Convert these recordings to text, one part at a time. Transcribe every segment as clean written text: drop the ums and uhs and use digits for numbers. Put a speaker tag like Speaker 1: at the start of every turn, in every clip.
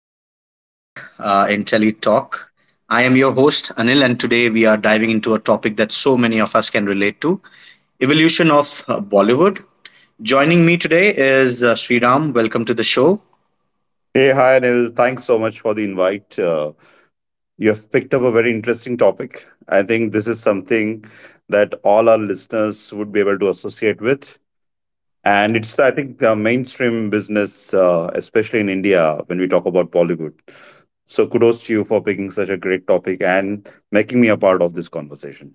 Speaker 1: my podcast, Intelli Talk. I am your host, Anil, and today we are diving into a topic that so many of us can relate to evolution of Bollywood. Joining me today is Sriram. Welcome to the show.
Speaker 2: Hey, hi, Anil. Thanks so much for the invite. You have picked up a very interesting topic. I think this is something that all our listeners would be able to associate with. And it's, I think, the mainstream business, especially in India, when we talk about Bollywood. So, kudos to you for picking such a great topic and making me a part of this conversation.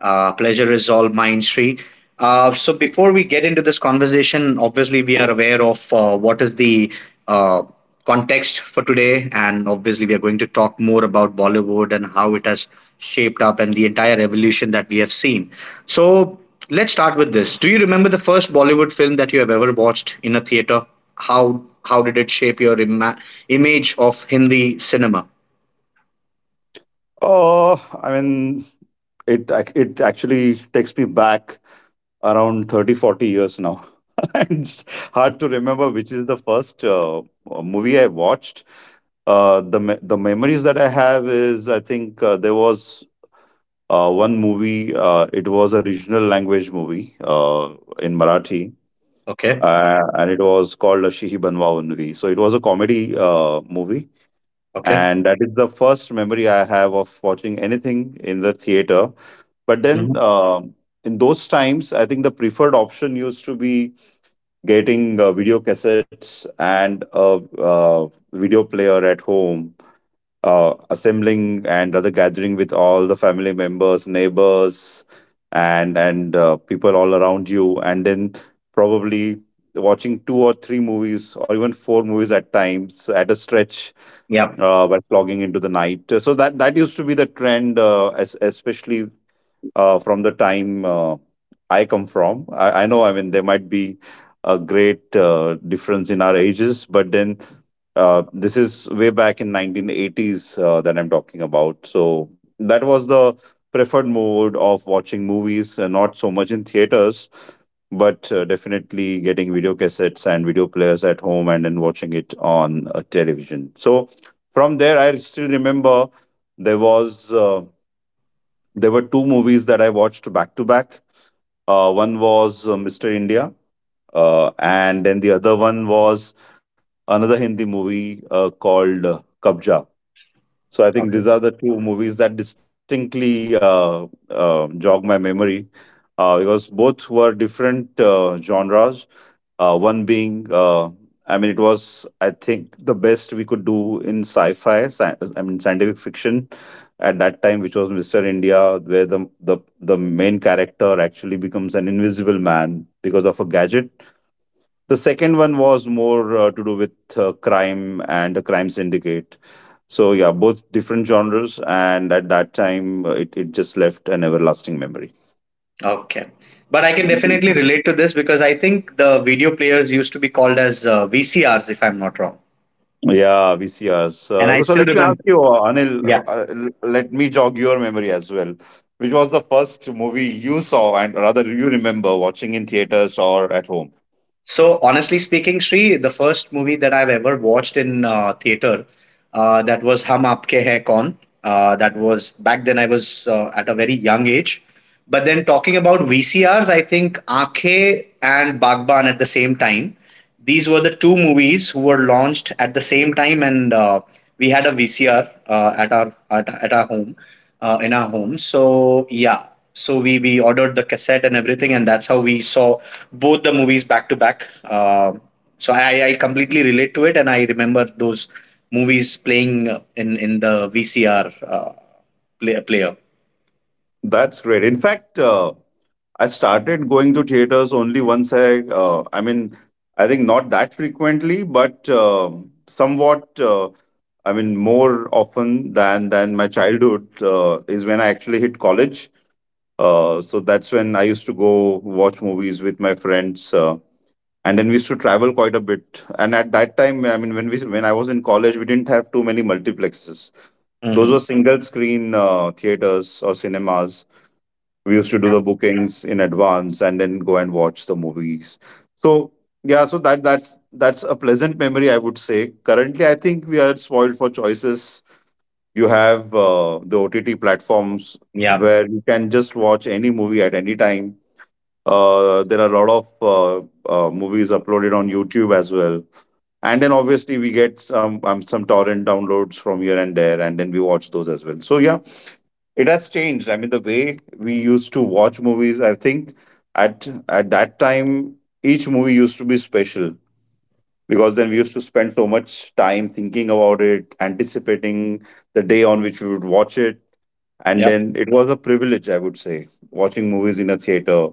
Speaker 1: Pleasure is all mine, Sri. So before we get into this conversation, obviously we are aware of what is the uh, context for today, and obviously we are going to talk more about Bollywood and how it has shaped up and the entire evolution that we have seen. So let's start with this. Do you remember the first Bollywood film that you have ever watched in a theater? How did it shape your image of Hindi cinema?
Speaker 2: Oh, I mean, it actually takes me back around 30, 40 years now. It's hard to remember which is the first movie I watched. The memories that I have is I think there was one movie. It was a regional language movie in Marathi,
Speaker 1: Okay.
Speaker 2: and it was called Ashihi Banwa Unvi. So it was a comedy movie
Speaker 1: Okay.
Speaker 2: and that is the first memory I have of watching anything in the theater. But
Speaker 1: hmm
Speaker 2: then, um in those times, I think the preferred option used to be getting video cassettes and a video player at home, assembling and other gathering with all the family members, neighbors, and people all around you, and then probably watching two or three movies or even four movies at times at a stretch
Speaker 1: Yeah.
Speaker 2: by flogging into the night. So that used to be the trend, especially from the time I come from. I know, I mean, there might be a great difference in our ages, but then this is way back in 1980s that I'm talking about. So that was the preferred mode of watching movies, not so much in theaters, but definitely getting video cassettes and video players at home and then watching it on television. So from there, I still remember there was. There were two movies that I watched back to back. One was Mr. India, and then the other one was another Hindi movie called Kabja. So I think these are the two movies that distinctly jog my memory because both were different genres. One being, I mean, it was I think the best we could do in I mean, scientific fiction at that time, which was Mister India, where the main character actually becomes an invisible man because of a gadget. The second one was more to do with crime and a crime syndicate. So yeah, both different genres, and at that time, it just left an everlasting memory.
Speaker 1: Okay. But I can definitely relate to this because I think the video players used to be called as VCRs, if I'm not wrong.
Speaker 2: Yeah, VCRs.
Speaker 1: And I
Speaker 2: So
Speaker 1: still
Speaker 2: let me ask
Speaker 1: remember.
Speaker 2: you, uh, Anil, uh,
Speaker 1: Yeah.
Speaker 2: uh, let me jog your memory as well. Which was the first movie you saw, and rather you remember watching in theaters or at home?
Speaker 1: So, honestly speaking, Sri, the first movie that I've ever watched in theater that was Hum Aapke Hai Kaun. That was back then I was at a very young age. But then talking about VCRs, I think Aakhe and Bagban at the same time. These were the two movies who were launched at the same time, and we had a VCR at our at our home, in our home. So yeah, so we ordered the cassette and everything, and that's how we saw both the movies back to back. So I completely relate to it, and I remember those movies playing in the VCR player.
Speaker 2: That's great. In fact, I started going to theaters only once I mean, I think not that frequently, but somewhat, I mean, more often than my childhood is when I actually hit college. So that's when I used to go watch movies with my friends, and then we used to travel quite a bit. And at that time, when I was in college, we didn't have too many multiplexes. Those were
Speaker 1: hmm
Speaker 2: single screen theaters or cinemas. We used to do the bookings in advance and then go and watch the movies. So yeah, so that's a pleasant memory, I would say. Currently, I think we are spoiled for choices. You have the OTT platforms
Speaker 1: Yeah.
Speaker 2: where you can just watch any movie at any time. There are a lot of movies uploaded on YouTube as well, and then obviously we get some torrent downloads from here and there, and then we watch those as well. So yeah, it has changed. I mean, the way we used to watch movies, I think at that time each movie used to be special because then we used to spend so much time thinking about it, anticipating the day on which we would watch it and
Speaker 1: Yep.
Speaker 2: then it was a privilege, I would say, watching movies in a theater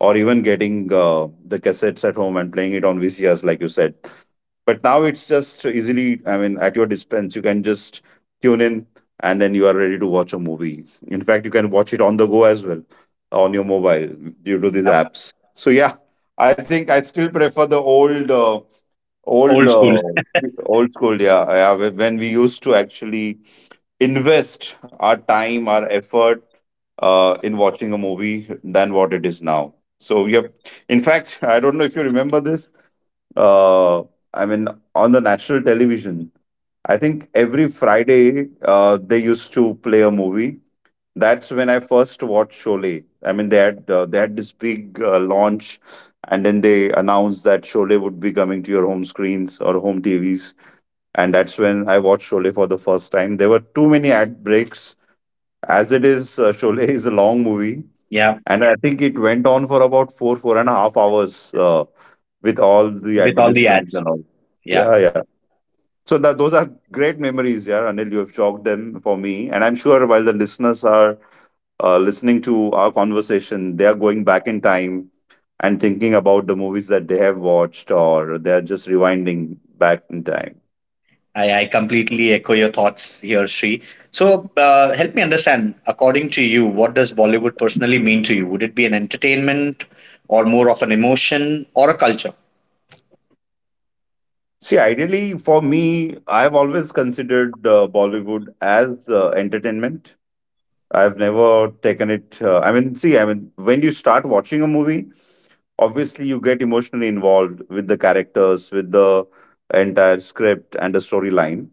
Speaker 2: or even getting the cassettes at home and playing it on VCRs, like you said. But now it's just easily, I mean, at your dispense, you can just tune in and then you are ready to watch a movie. In fact, you can watch it on the go as well on your mobile due to these
Speaker 1: Yep.
Speaker 2: apps. So, yeah, I think I still prefer the Old,
Speaker 1: Old school.
Speaker 2: uh, old school, yeah, yeah. When we used to actually invest our time, our effort in watching a movie than what it is now. So, yep. In fact, I don't know if you remember this. Uh, I mean, on the national television, I think every Friday they used to play a movie. That's when I first watched Sholay. I mean, they had this big launch, and then they announced that Sholay would be coming to your home screens or home TVs. And that's when I watched Sholay for the first time. There were too many ad breaks. As it is, Sholay is a long movie,
Speaker 1: Yeah,
Speaker 2: and I think it went on for about four and a half hours with all the
Speaker 1: with all the
Speaker 2: advertisements
Speaker 1: ads.
Speaker 2: and all.
Speaker 1: Yeah.
Speaker 2: Yeah, yeah. So that those are great memories, yeah, Anil. You have chalked them for me, and I'm sure while the listeners are listening to our conversation, they are going back in time and thinking about the movies that they have watched or they are just rewinding back in time.
Speaker 1: I completely echo your thoughts here, Sri. So, help me understand, according to you, what does Bollywood personally mean to you? Would it be an entertainment or more of an emotion or a culture?
Speaker 2: See, ideally, for me, I've always considered Bollywood as entertainment. I've never taken it. I mean, see, I mean, when you start watching a movie, obviously you get emotionally involved with the characters, with the entire script and the storyline.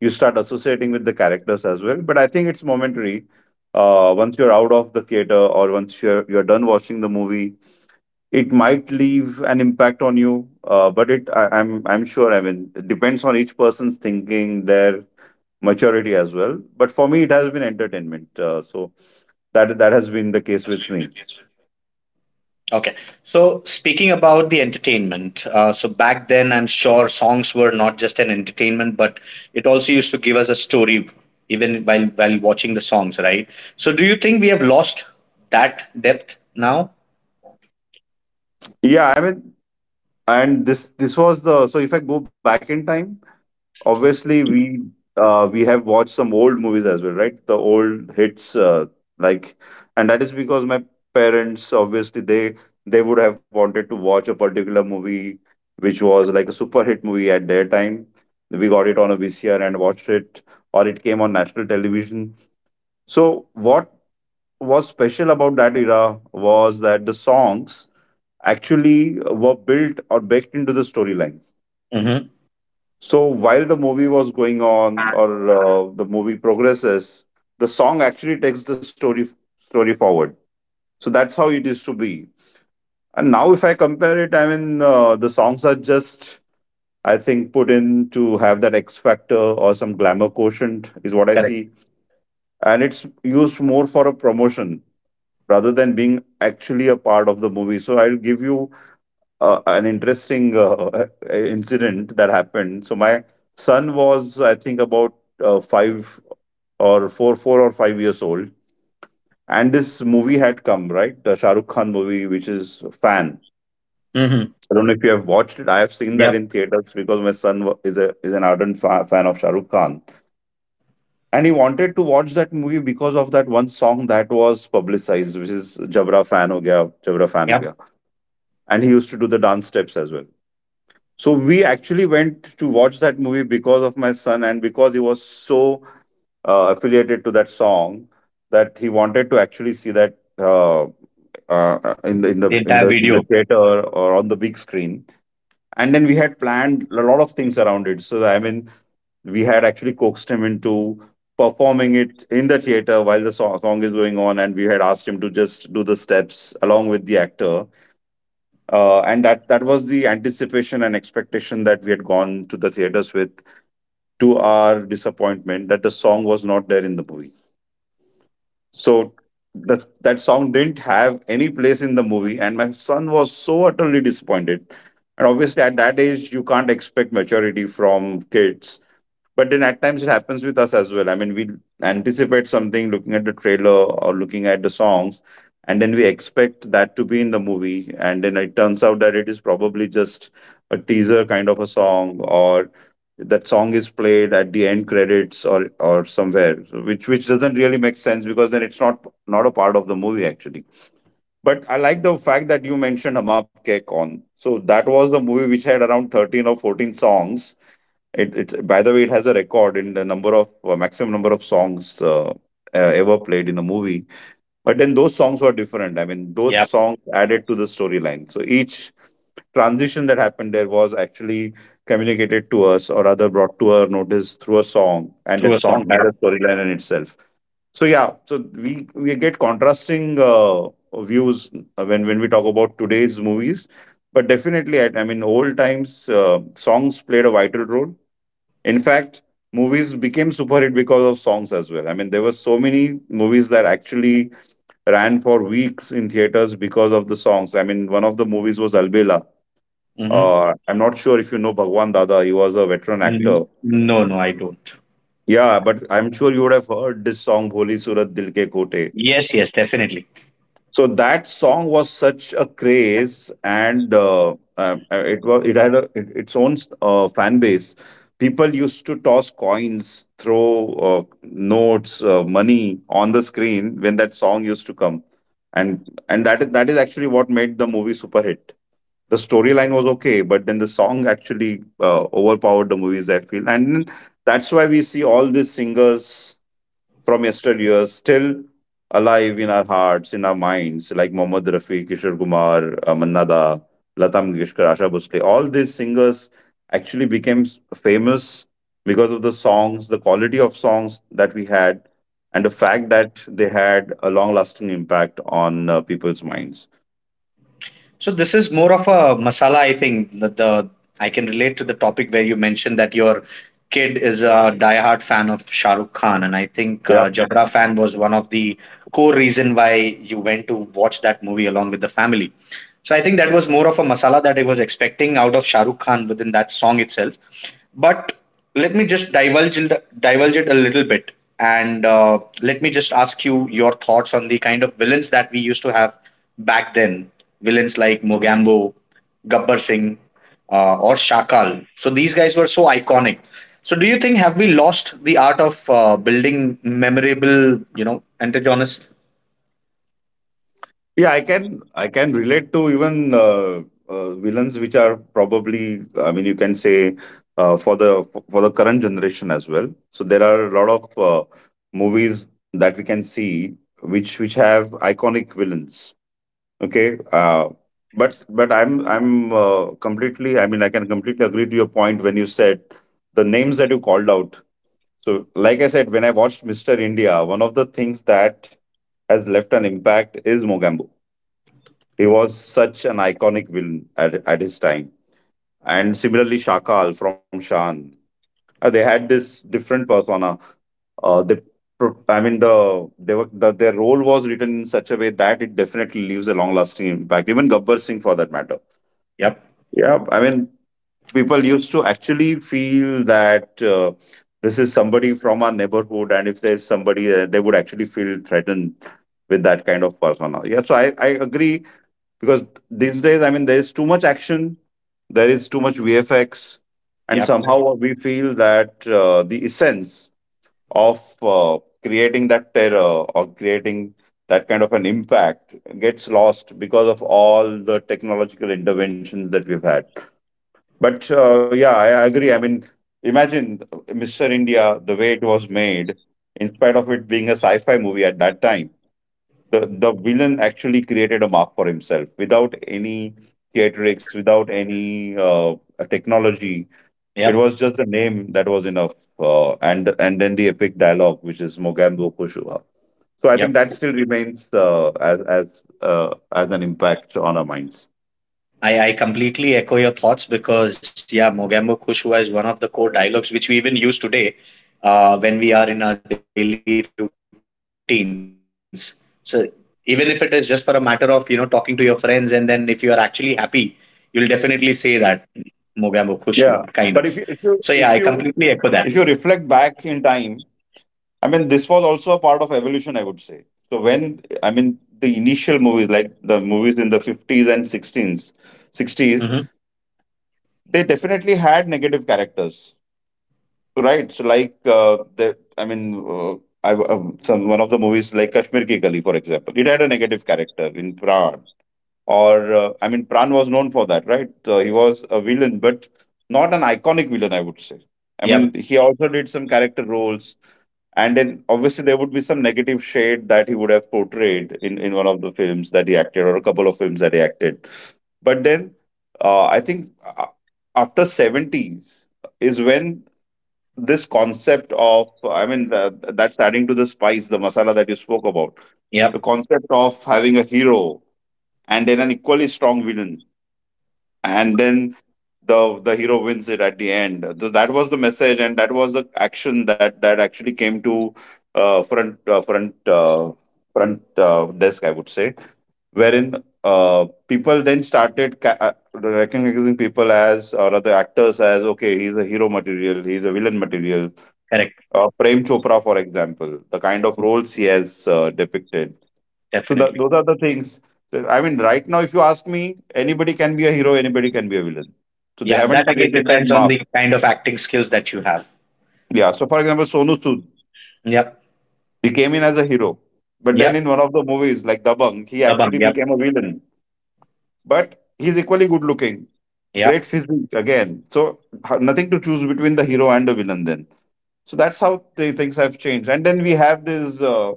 Speaker 2: You start associating with the characters as well, but I think it's momentary. Once you're out of the theater or once you're done watching the movie, it might leave an impact on you, but I'm sure, I mean, it depends on each person's thinking, their maturity as well, but for me it has been entertainment, so that has been the case with me.
Speaker 1: Okay. So, speaking about the entertainment, so back then, I'm sure songs were not just an entertainment, but it also used to give us a story even while watching the songs, right? So, do you think we have lost that depth now?
Speaker 2: Yeah, I mean, and this was the, so if I go back in time, obviously we have watched some old movies as well, right, the old hits, like and that is because my parents obviously they would have wanted to watch a particular movie which was like a super hit movie at their time. We got it on a VCR and watched it, or it came on national television. So what was special about that era was that the songs actually were built or baked into the storyline.
Speaker 1: Mm-hmm.
Speaker 2: So while the movie was going on, or the movie progresses, the song actually takes the story story forward. So that's how it used to be. And now, if I compare it, the songs are just, I think, put in to have that X factor or some glamour quotient, is what I
Speaker 1: Correct.
Speaker 2: see. And it's used more for a promotion rather than being actually a part of the movie. So I'll give you an interesting incident that happened. So my son was, I think, about five or four, 4 or 5 years old, and this movie had come right, the Shah Rukh Khan movie, which is Fan.
Speaker 1: Mm-hmm.
Speaker 2: I don't know if you have watched it. I have seen that
Speaker 1: Yep.
Speaker 2: in theaters because my son is a is an ardent fan of Shah Rukh Khan, and he wanted to watch that movie because of that one song that was publicized, which is "Jabra Fan Ho Gaya," "Jabra Fan Ho
Speaker 1: Yep.
Speaker 2: Gaya," and he used to do the dance steps as well. So we actually went to watch that movie because of my son and because he was so affiliated to that song that he wanted to actually see that in the in the
Speaker 1: The
Speaker 2: in
Speaker 1: entire
Speaker 2: the in the
Speaker 1: video.
Speaker 2: theater or on the big screen. And then we had planned a lot of things around it. So I mean, we had actually coaxed him into performing it in the theater while the song is going on, and we had asked him to just do the steps along with the actor, and that was the anticipation and expectation that we had gone to the theaters with, to our disappointment that the song was not there in the movie. So that song didn't have any place in the movie, and my son was so utterly disappointed. And obviously at that age you can't expect maturity from kids, but then at times it happens with us as well. I mean, we anticipate something looking at the trailer or looking at the songs, and then we expect that to be in the movie, and then it turns out that it is probably just a teaser kind of a song, or that song is played at the end credits or somewhere. So which doesn't really make sense, because then it's not a part of the movie actually. But I like the fact that you mentioned Hum Up Ke Kaun. So that was the movie which had around 13 or 14 songs. It's, by the way, it has a record in the number of, maximum number of songs, ever played in a movie. But then those songs were different. I mean, those
Speaker 1: Yep.
Speaker 2: songs added to the storyline. So each transition that happened there was actually communicated to us, or rather brought to our notice through a song, and
Speaker 1: Through
Speaker 2: that
Speaker 1: a
Speaker 2: song
Speaker 1: song,
Speaker 2: had
Speaker 1: yeah.
Speaker 2: a storyline in itself. So yeah, so we get contrasting views when we talk about today's movies. But definitely, I mean, old times, songs played a vital role. In fact, movies became super hit because of songs as well. I mean, there were so many movies that actually ran for weeks in theaters because of the songs. I mean, one of the movies was Albela.
Speaker 1: Mm-hmm.
Speaker 2: I'm not sure if you know Bhagwan Dada. He was a veteran actor.
Speaker 1: No, no, I don't.
Speaker 2: Yeah, but I'm sure you would have heard this song, Bholi Surat Dil Ke Kote.
Speaker 1: Yes, yes, definitely.
Speaker 2: So that song was such a craze, and it had its own fan base. People used to toss coins, throw notes, money on the screen when that song used to come, and and that is actually what made the movie super hit. The storyline was okay, but then the song actually overpowered the movies, I feel. And that's why we see all these singers from yesteryear still alive in our hearts, in our minds, like Mohammad Rafi, Kishore Kumar, Manna Da, Lata Mangeshkar, Asha Bhosle. All these singers actually became famous because of the songs, the quality of songs that we had, and the fact that they had a long-lasting impact on people's minds.
Speaker 1: So this is more of a masala. I think that the I can relate to the topic where you mentioned that your kid is a diehard fan of Shah Rukh Khan, and I think Jabra fan was one of the core reason why you went to watch that movie along with the family. So I think that was more of a masala that I was expecting out of Shah Rukh Khan within that song itself. But let me just divulge it a little bit and let me just ask you your thoughts on the kind of villains that we used to have back then, villains like Mogambo, Gabbar Singh, or Shakal. So these guys were so iconic. So do you think have we lost the art of building memorable, you know, antagonists?
Speaker 2: Yeah, I can relate to even, villains which are probably, I mean, you can say, for the current generation as well. So there are a lot of movies that we can see which have iconic villains. Okay, but I'm completely, I mean, I can completely agree to your point when you said the names that you called out. So like I said, when I watched Mister India, one of the things that has left an impact is Mogambo. He was such an iconic villain at his time. And similarly, Shakal from Shan. They had this different persona. They, pro- I mean, the, they were, Their role was written in such a way that it definitely leaves a long-lasting impact. Even Gabbar Singh, for that matter.
Speaker 1: Yep.
Speaker 2: Yeah, I mean, people used to actually feel that, this is somebody from our neighborhood, and if there's somebody, they would actually feel threatened with that kind of persona. Yeah, so I agree, because these days, I mean, there is too much action, there is too much vfx, and
Speaker 1: Yep.
Speaker 2: somehow we feel that the essence of, creating that terror or creating that kind of an impact gets lost because of all the technological interventions that we've had. But yeah, I agree. I mean, imagine Mr India, the way it was made, in spite of it being a sci-fi movie at that time. The villain actually created a mark for himself without any theatrics, without any technology. It
Speaker 1: Yep.
Speaker 2: was just the name that was enough, and then the epic dialogue, which is Mogambo Kushua. So I
Speaker 1: Yep.
Speaker 2: think that still remains, as as an impact on our minds.
Speaker 1: I completely echo your thoughts because yeah, Mogambo Kushwa is one of the core dialogues which we even use today when we are in our daily routines. So even if it is just for a matter of, you know, talking to your friends and then if you are actually happy, you'll definitely say that Mogambo Kushwa kind of. So yeah,
Speaker 2: Yeah,
Speaker 1: I
Speaker 2: but
Speaker 1: completely echo that.
Speaker 2: if you if you reflect back in time, I mean, this was also a part of evolution, I would say. So when, I mean, the initial movies, like the movies in the 50s and
Speaker 1: Hmm.
Speaker 2: 60s, they definitely had negative characters, right? So like, the, I mean, I some one of the movies like Kashmir Ki Gali, for example, it had a negative character in, Pra or I mean, Pran was known for that, right? He was a villain, but not an iconic villain, I would say. I
Speaker 1: Yep.
Speaker 2: mean, he also did some character roles, and then obviously there would be some negative shade that he would have portrayed in one of the films that he acted, or a couple of films that he acted. But then, I think, uh, after 70s is when this concept of, I mean, that's adding to the spice, the masala that you spoke about,
Speaker 1: Yep.
Speaker 2: the concept of having a hero and then an equally strong villain, and then the hero wins it at the end. So that was the message, and that was the action that actually came to, front, desk, I would say, wherein, people then started recognizing people as, or other actors as, okay, he's a hero material, he's a villain material,
Speaker 1: Correct.
Speaker 2: Prem Chopra, for example, the kind of roles he has depicted. So that,
Speaker 1: Definitely.
Speaker 2: those are the things. That- I mean, right now, if you ask me, anybody can be a hero, anybody can be a villain. So they
Speaker 1: Yeah, that
Speaker 2: haven't
Speaker 1: again
Speaker 2: created that
Speaker 1: depends on
Speaker 2: mark.
Speaker 1: the kind of acting skills that you have.
Speaker 2: Yeah. So for example, Sonu Sood,
Speaker 1: Yep.
Speaker 2: he came in as a hero, but then
Speaker 1: Yep.
Speaker 2: in one of the movies like Dabang, he
Speaker 1: Dabang.
Speaker 2: actually
Speaker 1: Yep.
Speaker 2: became a villain. But he's equally good looking, great
Speaker 1: Yep.
Speaker 2: physique again. So nothing to choose between the hero and the villain then. So that's how the things have changed. And then we have these, uh,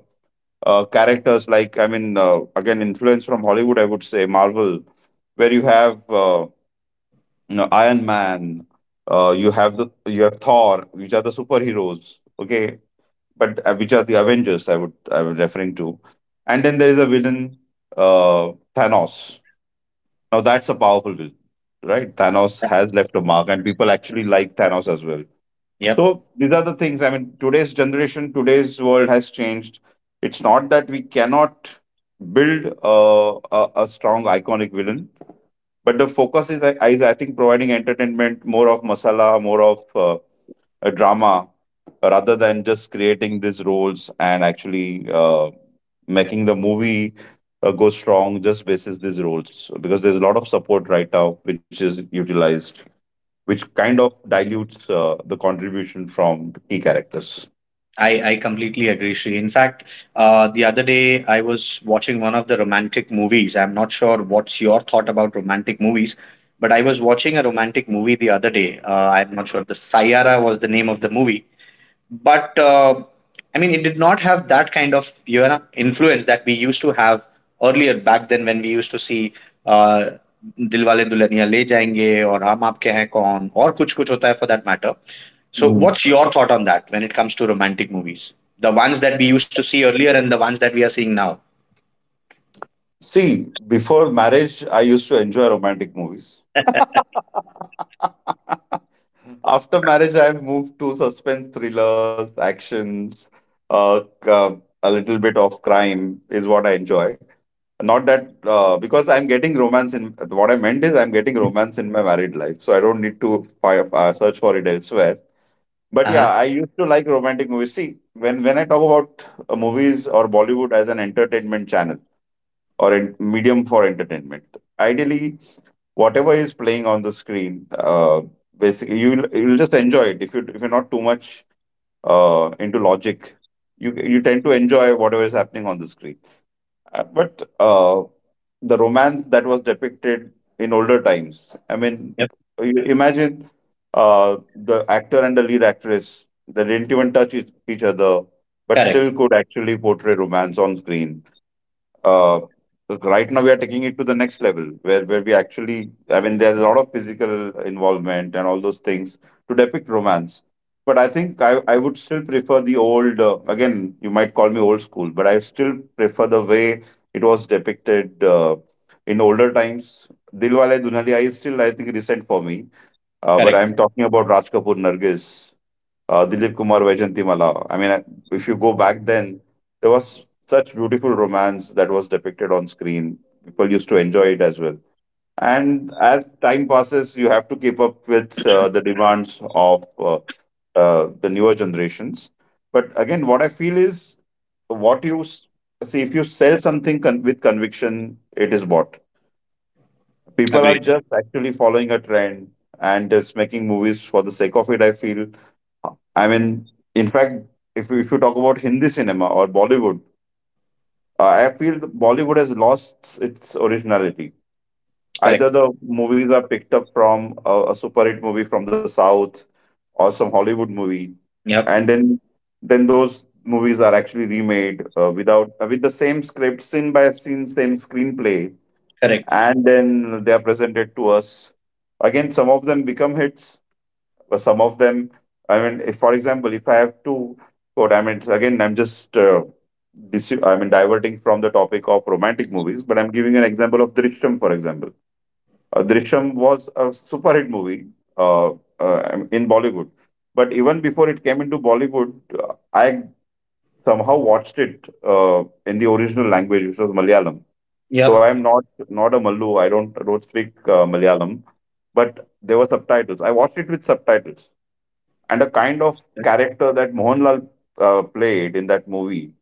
Speaker 2: uh, characters like, I mean, again, influence from Hollywood, I would say, Marvel, where you have, no, Iron Man. You have the you have Thor, which are the superheroes. Okay, but which are the Avengers? I was referring to, and then there is a villain, Thanos. Now that's a powerful villain, right? Thanos has left a mark, and people actually like Thanos as well.
Speaker 1: Yep.
Speaker 2: So these are the things. I mean, today's generation, today's world has changed. It's not that we cannot build a strong iconic villain, but the focus is, I think, providing entertainment, more of masala, more of, a drama, rather than just creating these roles and actually making the movie go strong just basis these roles. Because there's a lot of support right now which is utilized, which kind of dilutes the contribution from the key characters.
Speaker 1: I completely agree, Sri. In fact, the other day I was watching one of the romantic movies. I'm not sure what's your thought about romantic movies, but I was watching a romantic movie the other day. I'm not sure. The Sayara was the name of the movie, but I mean, it did not have that kind of, you know, influence that we used to have earlier back then when we used to see uh, Dilwale Dulhaniya Le Jayenge or Hum Aapke Hain Kaun or Kuch Kuch Hota Hai for that matter. So,
Speaker 2: Mm.
Speaker 1: what's your thought on that when it comes to romantic movies? The ones that we used to see earlier and the ones that we are seeing now.
Speaker 2: See, before marriage, I used to enjoy romantic movies. After marriage, I've moved to suspense thrillers, actions, uh, c- uh, a little bit of crime is what I enjoy. Not that, because I'm getting romance, in what I meant is I'm getting romance in my married life, so I don't need to search for it elsewhere. But yeah,
Speaker 1: Uh-huh.
Speaker 2: I used to like romantic movies. See, when I talk about, movies or Bollywood as an entertainment channel, or medium for entertainment, ideally, whatever is playing on the screen, uh, basically, you'll just enjoy it, if you if you're not too much into logic, you tend to enjoy whatever is happening on the screen. But uh, the romance that was depicted in older times, I mean,
Speaker 1: Yep.
Speaker 2: you imagine, uh, the actor and the lead actress, they didn't even touch each other, but
Speaker 1: Correct.
Speaker 2: still could actually portray romance on screen. uh, right now we are taking it to the next level, where we actually, I mean, there's a lot of physical involvement and all those things to depict romance. But I think, I would still prefer the old. Again, you might call me old school, but I still prefer the way it was depicted, in older times. Dilwale Dunhaliya is still, I think, recent for me. But
Speaker 1: Correct.
Speaker 2: I'm talking about Raj Kapoor, Nargis, Dilip Kumar, Vaijanti Mala. I mean, if you go back then, there was such beautiful romance that was depicted on screen. People used to enjoy it as well. And as time passes, you have to keep up with, the demands of, the newer generations. But again, what I feel is, what you s- see, if you sell something with conviction, it is bought. People are
Speaker 1: Agreed.
Speaker 2: just actually following a trend and just making movies for the sake of it, I feel. I mean, in fact, if you talk about Hindi cinema or Bollywood, I feel that Bollywood has lost its originality. Either
Speaker 1: Correct.
Speaker 2: the movies are picked up from a super hit movie from the South or some Hollywood movie,
Speaker 1: Yep.
Speaker 2: and then those movies are actually remade without with the same script, scene by scene, same screenplay,
Speaker 1: Correct.
Speaker 2: and then they are presented to us. Again, some of them become hits, but some of them, I mean, if for example, if I have to quote, I mean, again, I'm just I mean, diverting from the topic of romantic movies, but I'm giving an example of Drishyam, for example. Drishyam was a super hit movie uh, in Bollywood. But even before it came into Bollywood, I somehow watched it in the original language, which was Malayalam. Though
Speaker 1: Yep.
Speaker 2: I'm not a Mallu, I don't speak Malayalam, but there were subtitles. I watched it with subtitles, and a kind of character that Mohanlal played in that movie.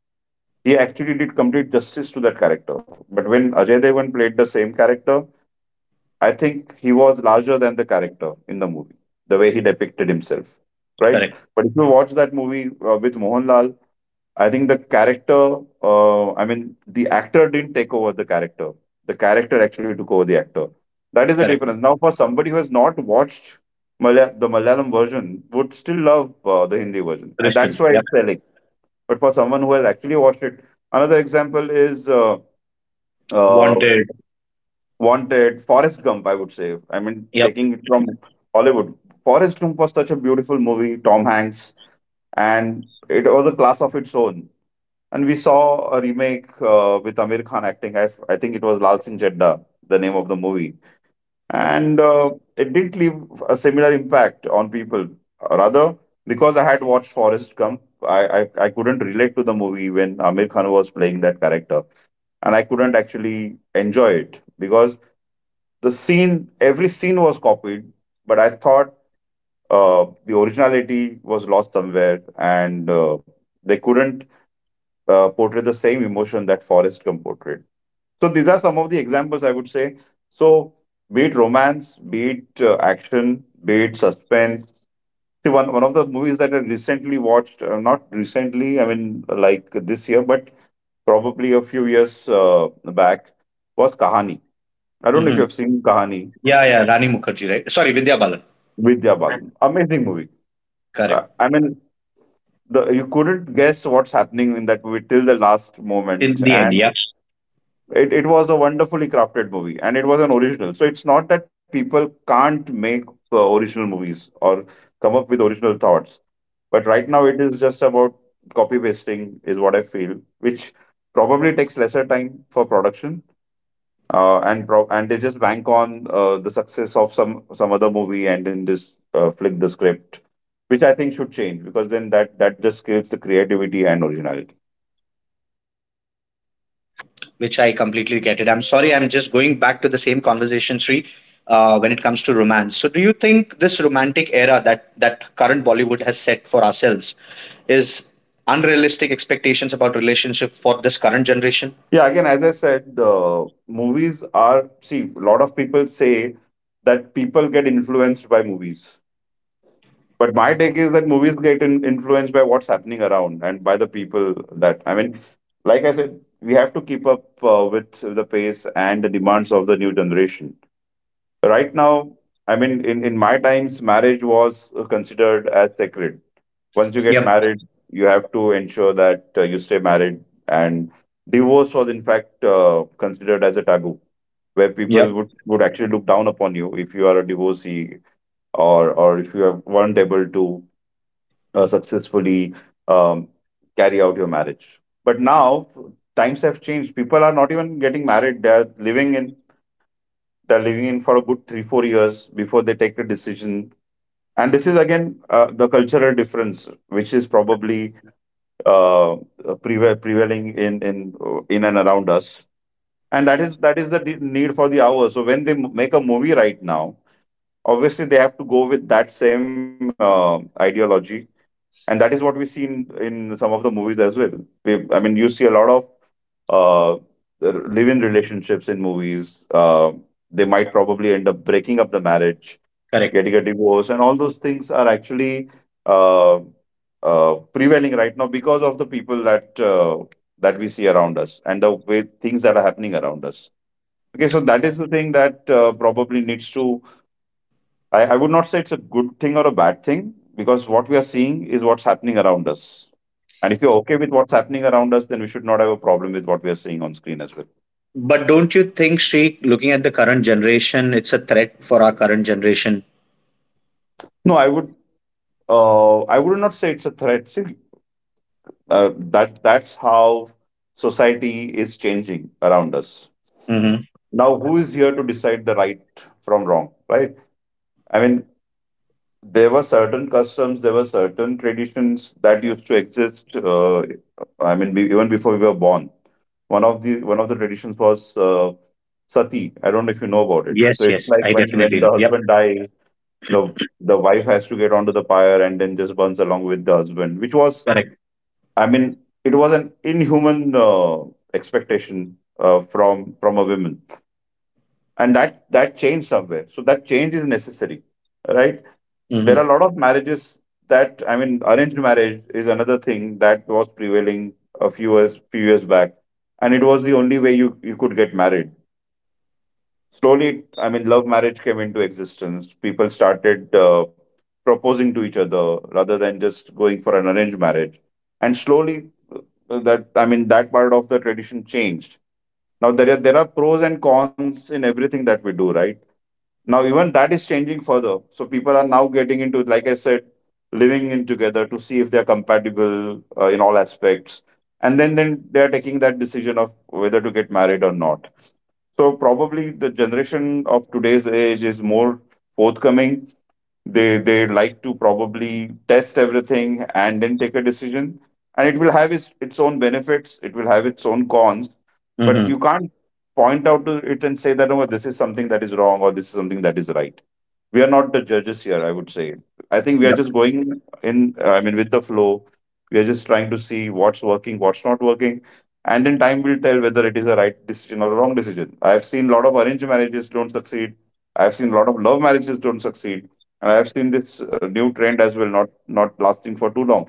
Speaker 2: He actually did complete justice to that character. But when Ajay Devgan played the same character, I think he was larger than the character in the movie, the way he depicted himself, right?
Speaker 1: Correct.
Speaker 2: But if you watch that movie with Mohanlal, I think the character, I mean, the actor didn't take over the character. The character actually took over the actor. That is the
Speaker 1: Correct.
Speaker 2: difference. Now, for somebody who has not watched the Malayalam version, would still love the Hindi version. And
Speaker 1: Christian.
Speaker 2: that's why
Speaker 1: Yep.
Speaker 2: it's selling. But for someone who has actually watched it, another example is uh,
Speaker 1: Wanted.
Speaker 2: Wanted, Forrest Gump, I would say. I mean,
Speaker 1: Yep.
Speaker 2: taking it from Hollywood. Forrest Gump was such a beautiful movie, Tom Hanks, and it was a class of its own, and we saw a remake with Amir Khan acting. I think it was Lal Singh Chadda, the name of the movie. And it didn't leave a similar impact on people. Rather, because I had watched Forrest Gump, I, I couldn't relate to the movie when Amir Khan was playing that character. And I couldn't actually enjoy it because every scene was copied. But I thought the originality was lost somewhere, and they couldn't portray the same emotion that Forrest Gump portrayed. So these are some of the examples I would say. So be it romance, be it action, be it suspense. See, one of the movies that I recently watched, not recently, I mean like this year, but probably a few years back, was Kahani. I don't know if you
Speaker 1: Mhm.
Speaker 2: have seen Kahani.
Speaker 1: Yeah, yeah, Rani Mukherjee, right? Sorry, Vidya Balan.
Speaker 2: Vidya Balan. Amazing movie.
Speaker 1: Correct.
Speaker 2: I mean, you couldn't guess what's happening in that movie till the last
Speaker 1: In
Speaker 2: moment.
Speaker 1: the end,
Speaker 2: And
Speaker 1: yeah,
Speaker 2: it was a wonderfully crafted movie, and it was an original, so it's not that people can't make original movies or come up with original thoughts, but right now it is just about copy pasting is what I feel, which probably takes lesser time for production, and they just bank on the success of some other movie and then just flick the script, which I think should change, because then that just kills the creativity and originality.
Speaker 1: which I completely get it. I'm sorry, I'm just going back to the same conversation, Sri, when it comes to romance. So, do you think this romantic era that current Bollywood has set for ourselves is unrealistic expectations about relationship for this current generation?
Speaker 2: Yeah, again, as I said, movies are, see, a lot of people say that people get influenced by movies. But my take is that movies influenced by what's happening around and by the people that, I mean, like I said, we have to keep up with the pace and the demands of the new generation right now. I mean, in my times, marriage was considered as sacred. Once you get
Speaker 1: Yep.
Speaker 2: married, you have to ensure that you stay married, and divorce was, in fact, considered as a taboo, where
Speaker 1: Yep.
Speaker 2: people would actually look down upon you if you are a divorcee, or if you have weren't able to successfully um, carry out your marriage. But now times have changed. People are not even getting married. They are living in for a good three, 4 years before they take a decision. And this is again the cultural difference, which is probably uh, prevailing in in and around us. And that is the need for the hour. So when they make a movie right now, obviously they have to go with that same ideology, and that is what we see in some of the movies as well. We, I mean, you see a lot of uh, live-in relationships in movies. They might probably end up breaking up the marriage,
Speaker 1: Correct.
Speaker 2: getting a divorce, and all those things are actually uh, prevailing right now because of the people that that we see around us and the way things that are happening around us. Okay, so that is the thing that probably needs to. I would not say it's a good thing or a bad thing, because what we are seeing is what's happening around us. And if you're okay with what's happening around us, then we should not have a problem with what we are seeing on screen as well.
Speaker 1: But don't you think, Sri, looking at the current generation, it's a threat for our current generation?
Speaker 2: No, I would. I would not say it's a threat. See, that's how society is changing around us.
Speaker 1: Mm-hmm.
Speaker 2: Now, who is here to decide the right from wrong, right? I mean, there were certain customs, there were certain traditions that used to exist, I mean, even before we were born. One of the traditions was sati. I don't know if you know about it. So
Speaker 1: Yes,
Speaker 2: it's
Speaker 1: yes,
Speaker 2: like
Speaker 1: I
Speaker 2: when
Speaker 1: definitely know.
Speaker 2: the
Speaker 1: Yep.
Speaker 2: husband dies, the wife has to get onto the pyre and then just burns along with the husband, which was,
Speaker 1: Correct.
Speaker 2: I mean, it was an inhuman expectation from a woman, and that changed somewhere. So that change is necessary, right? There
Speaker 1: Mhm.
Speaker 2: are a lot of marriages that, I mean, arranged marriage is another thing that was prevailing a few years back, and it was the only way you could get married. Slowly, I mean, love marriage came into existence. People started proposing to each other rather than just going for an arranged marriage, and slowly that, I mean, that part of the tradition changed. Now there are pros and cons in everything that we do, right? Now even that is changing further, so people are now getting into, like I said, living in together to see if they are compatible in all aspects, and then they are taking that decision of whether to get married or not. So probably the generation of today's age is more forthcoming. They like to probably test everything and then take a decision, and it will have its own benefits, it will have its own cons. But
Speaker 1: Mhm.
Speaker 2: you can't point out to it and say that, oh, this is something that is wrong or this is something that is right. We are not the judges here, I would say. I think we are
Speaker 1: Yep.
Speaker 2: just going in, I mean, with the flow. We are just trying to see what's working, what's not working, and then time will tell whether it is a right decision or a wrong decision. I've seen a lot of arranged marriages don't succeed. I've seen a lot of love marriages don't succeed. And I have seen this new trend as well, not lasting for too long.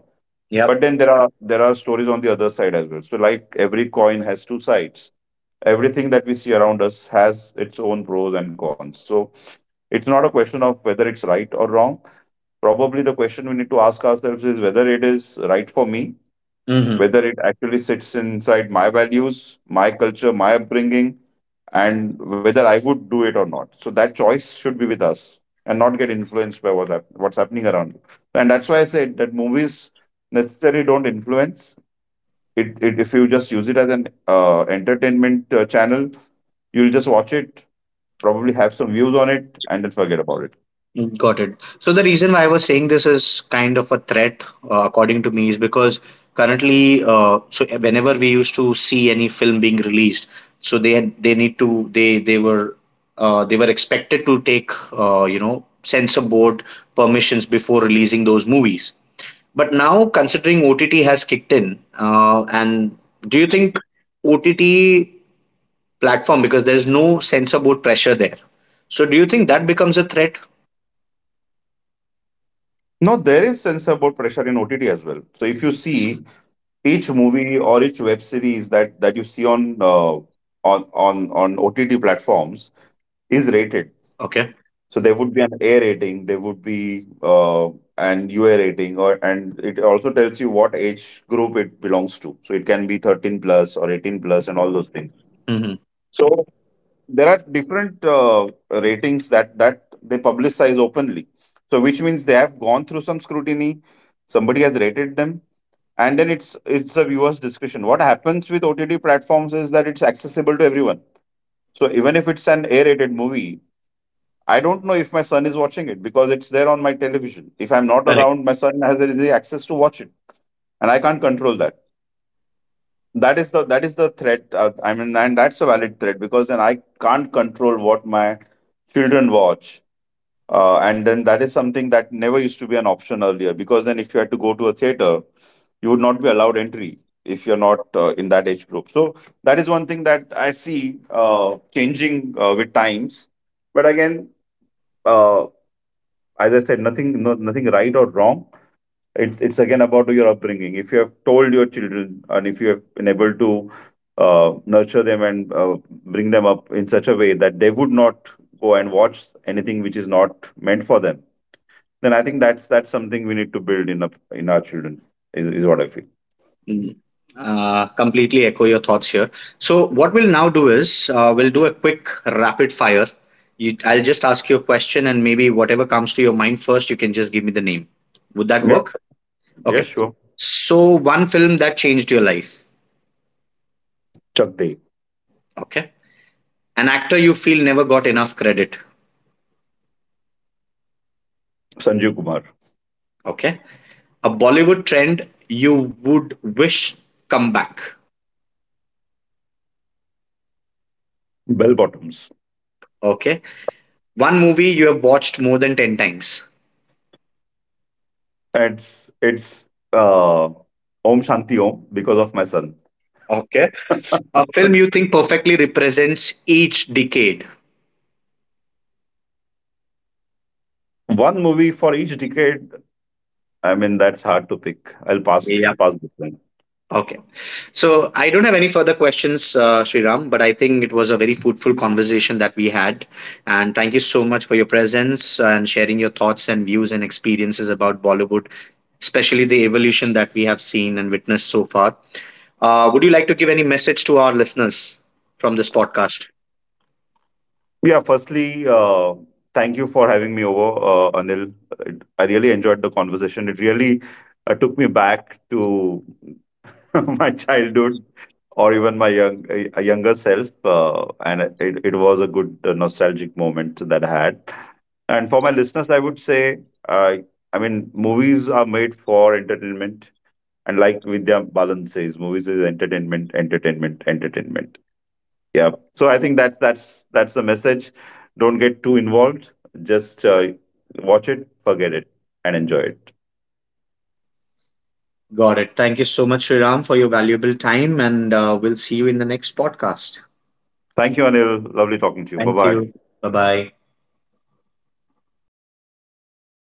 Speaker 2: But
Speaker 1: Yep.
Speaker 2: then there are stories on the other side as well. So, like, every coin has two sides. Everything that we see around us has its own pros and cons. So it's not a question of whether it's right or wrong. Probably the question we need to ask ourselves is whether it is right for me,
Speaker 1: Mhm.
Speaker 2: whether it actually sits inside my values, my culture, my upbringing, and whether I would do it or not. So that choice should be with us and not get influenced by what's happening around you. And that's why I said that movies necessarily don't influence. It if you just use it as an entertainment channel, you'll just watch it, probably have some views on it, and then forget about it.
Speaker 1: Mm, got it. So the reason why I was saying this is kind of a threat, according to me, is because currently, so whenever we used to see any film being released, so they were they were expected to take you know, censor board permissions before releasing those movies. But now, considering OTT has kicked in, and do you think OTT platform because there is no censor board pressure there. So do you think that becomes a threat?
Speaker 2: No, there is censor board pressure in OTT as well. So if you see each movie or each web series that you see on on OTT platforms is rated.
Speaker 1: Okay.
Speaker 2: So there would be an A rating, there would be an UA rating, or and it also tells you what age group it belongs to. So it can be 13 plus or 18 plus and all those things.
Speaker 1: hmm
Speaker 2: So there are different ratings that they publicize openly. So which means they have gone through some scrutiny. Somebody has rated them, and then it's a viewer's discretion. What happens with OTT platforms is that it's accessible to everyone. So even if it's an A rated movie, I don't know if my son is watching it, because it's there on my television. If I'm
Speaker 1: Correct.
Speaker 2: not around, my son has easy access to watch it, and I can't control that. That is the threat, I mean, and that's a valid threat, because then I can't control what my children watch, and then that is something that never used to be an option earlier, because then if you had to go to a theater, you would not be allowed entry if you're not in that age group. So that is one thing that I see changing with times. But again, uh, as I said, nothing, no, nothing right or wrong. It's again about your upbringing. If you have told your children, and if you have been able to nurture them, and bring them up in such a way that they would not go and watch anything which is not meant for them, then I think that's something we need to build in up in our children. Is what I feel.
Speaker 1: Mm. Completely echo your thoughts here. So what we'll now do is we'll do a quick rapid fire. You, I'll just ask you a question and maybe whatever comes to your mind first, you can just give me the name. Would that
Speaker 2: Yeah.
Speaker 1: work?
Speaker 2: Yes.
Speaker 1: Okay.
Speaker 2: Sure.
Speaker 1: So one film that changed your life.
Speaker 2: Chuck Day,
Speaker 1: Okay. An actor you feel never got enough credit.
Speaker 2: Sanjeev Kumar,
Speaker 1: Okay. A Bollywood trend you would wish come back.
Speaker 2: Bell Bottoms.
Speaker 1: Okay. One movie you have watched more than 10 times.
Speaker 2: It's uh, Om Shanti Om because of my son.
Speaker 1: Okay. A film you think perfectly represents each decade.
Speaker 2: One movie for each decade. I mean, that's hard to pick. I'll
Speaker 1: Yeah.
Speaker 2: pass this one.
Speaker 1: Okay. So I don't have any further questions, Sriram, but I think it was a very fruitful conversation that we had. And thank you so much for your presence and sharing your thoughts and views and experiences about Bollywood, especially the evolution that we have seen and witnessed so far. Would you like to give any message to our listeners from this podcast?
Speaker 2: Yeah. Firstly, thank you for having me over, Anil. It- I really enjoyed the conversation. It really took me back to my childhood, or even my young a younger self, and it was a good nostalgic moment that I had. And for my listeners, I would say, uh, I mean, movies are made for entertainment, and like Vidya Balan says, movies is entertainment, entertainment, entertainment. Yeah. So I think that that's the message. Don't get too involved. Just watch it, forget it, and enjoy it.
Speaker 1: Got it. Thank you so much, Sriram, for your valuable time, and we'll see you in the next podcast.
Speaker 2: Thank you, Anil. Lovely talking to you. Bye
Speaker 1: Thank
Speaker 2: bye.
Speaker 1: you. Bye bye.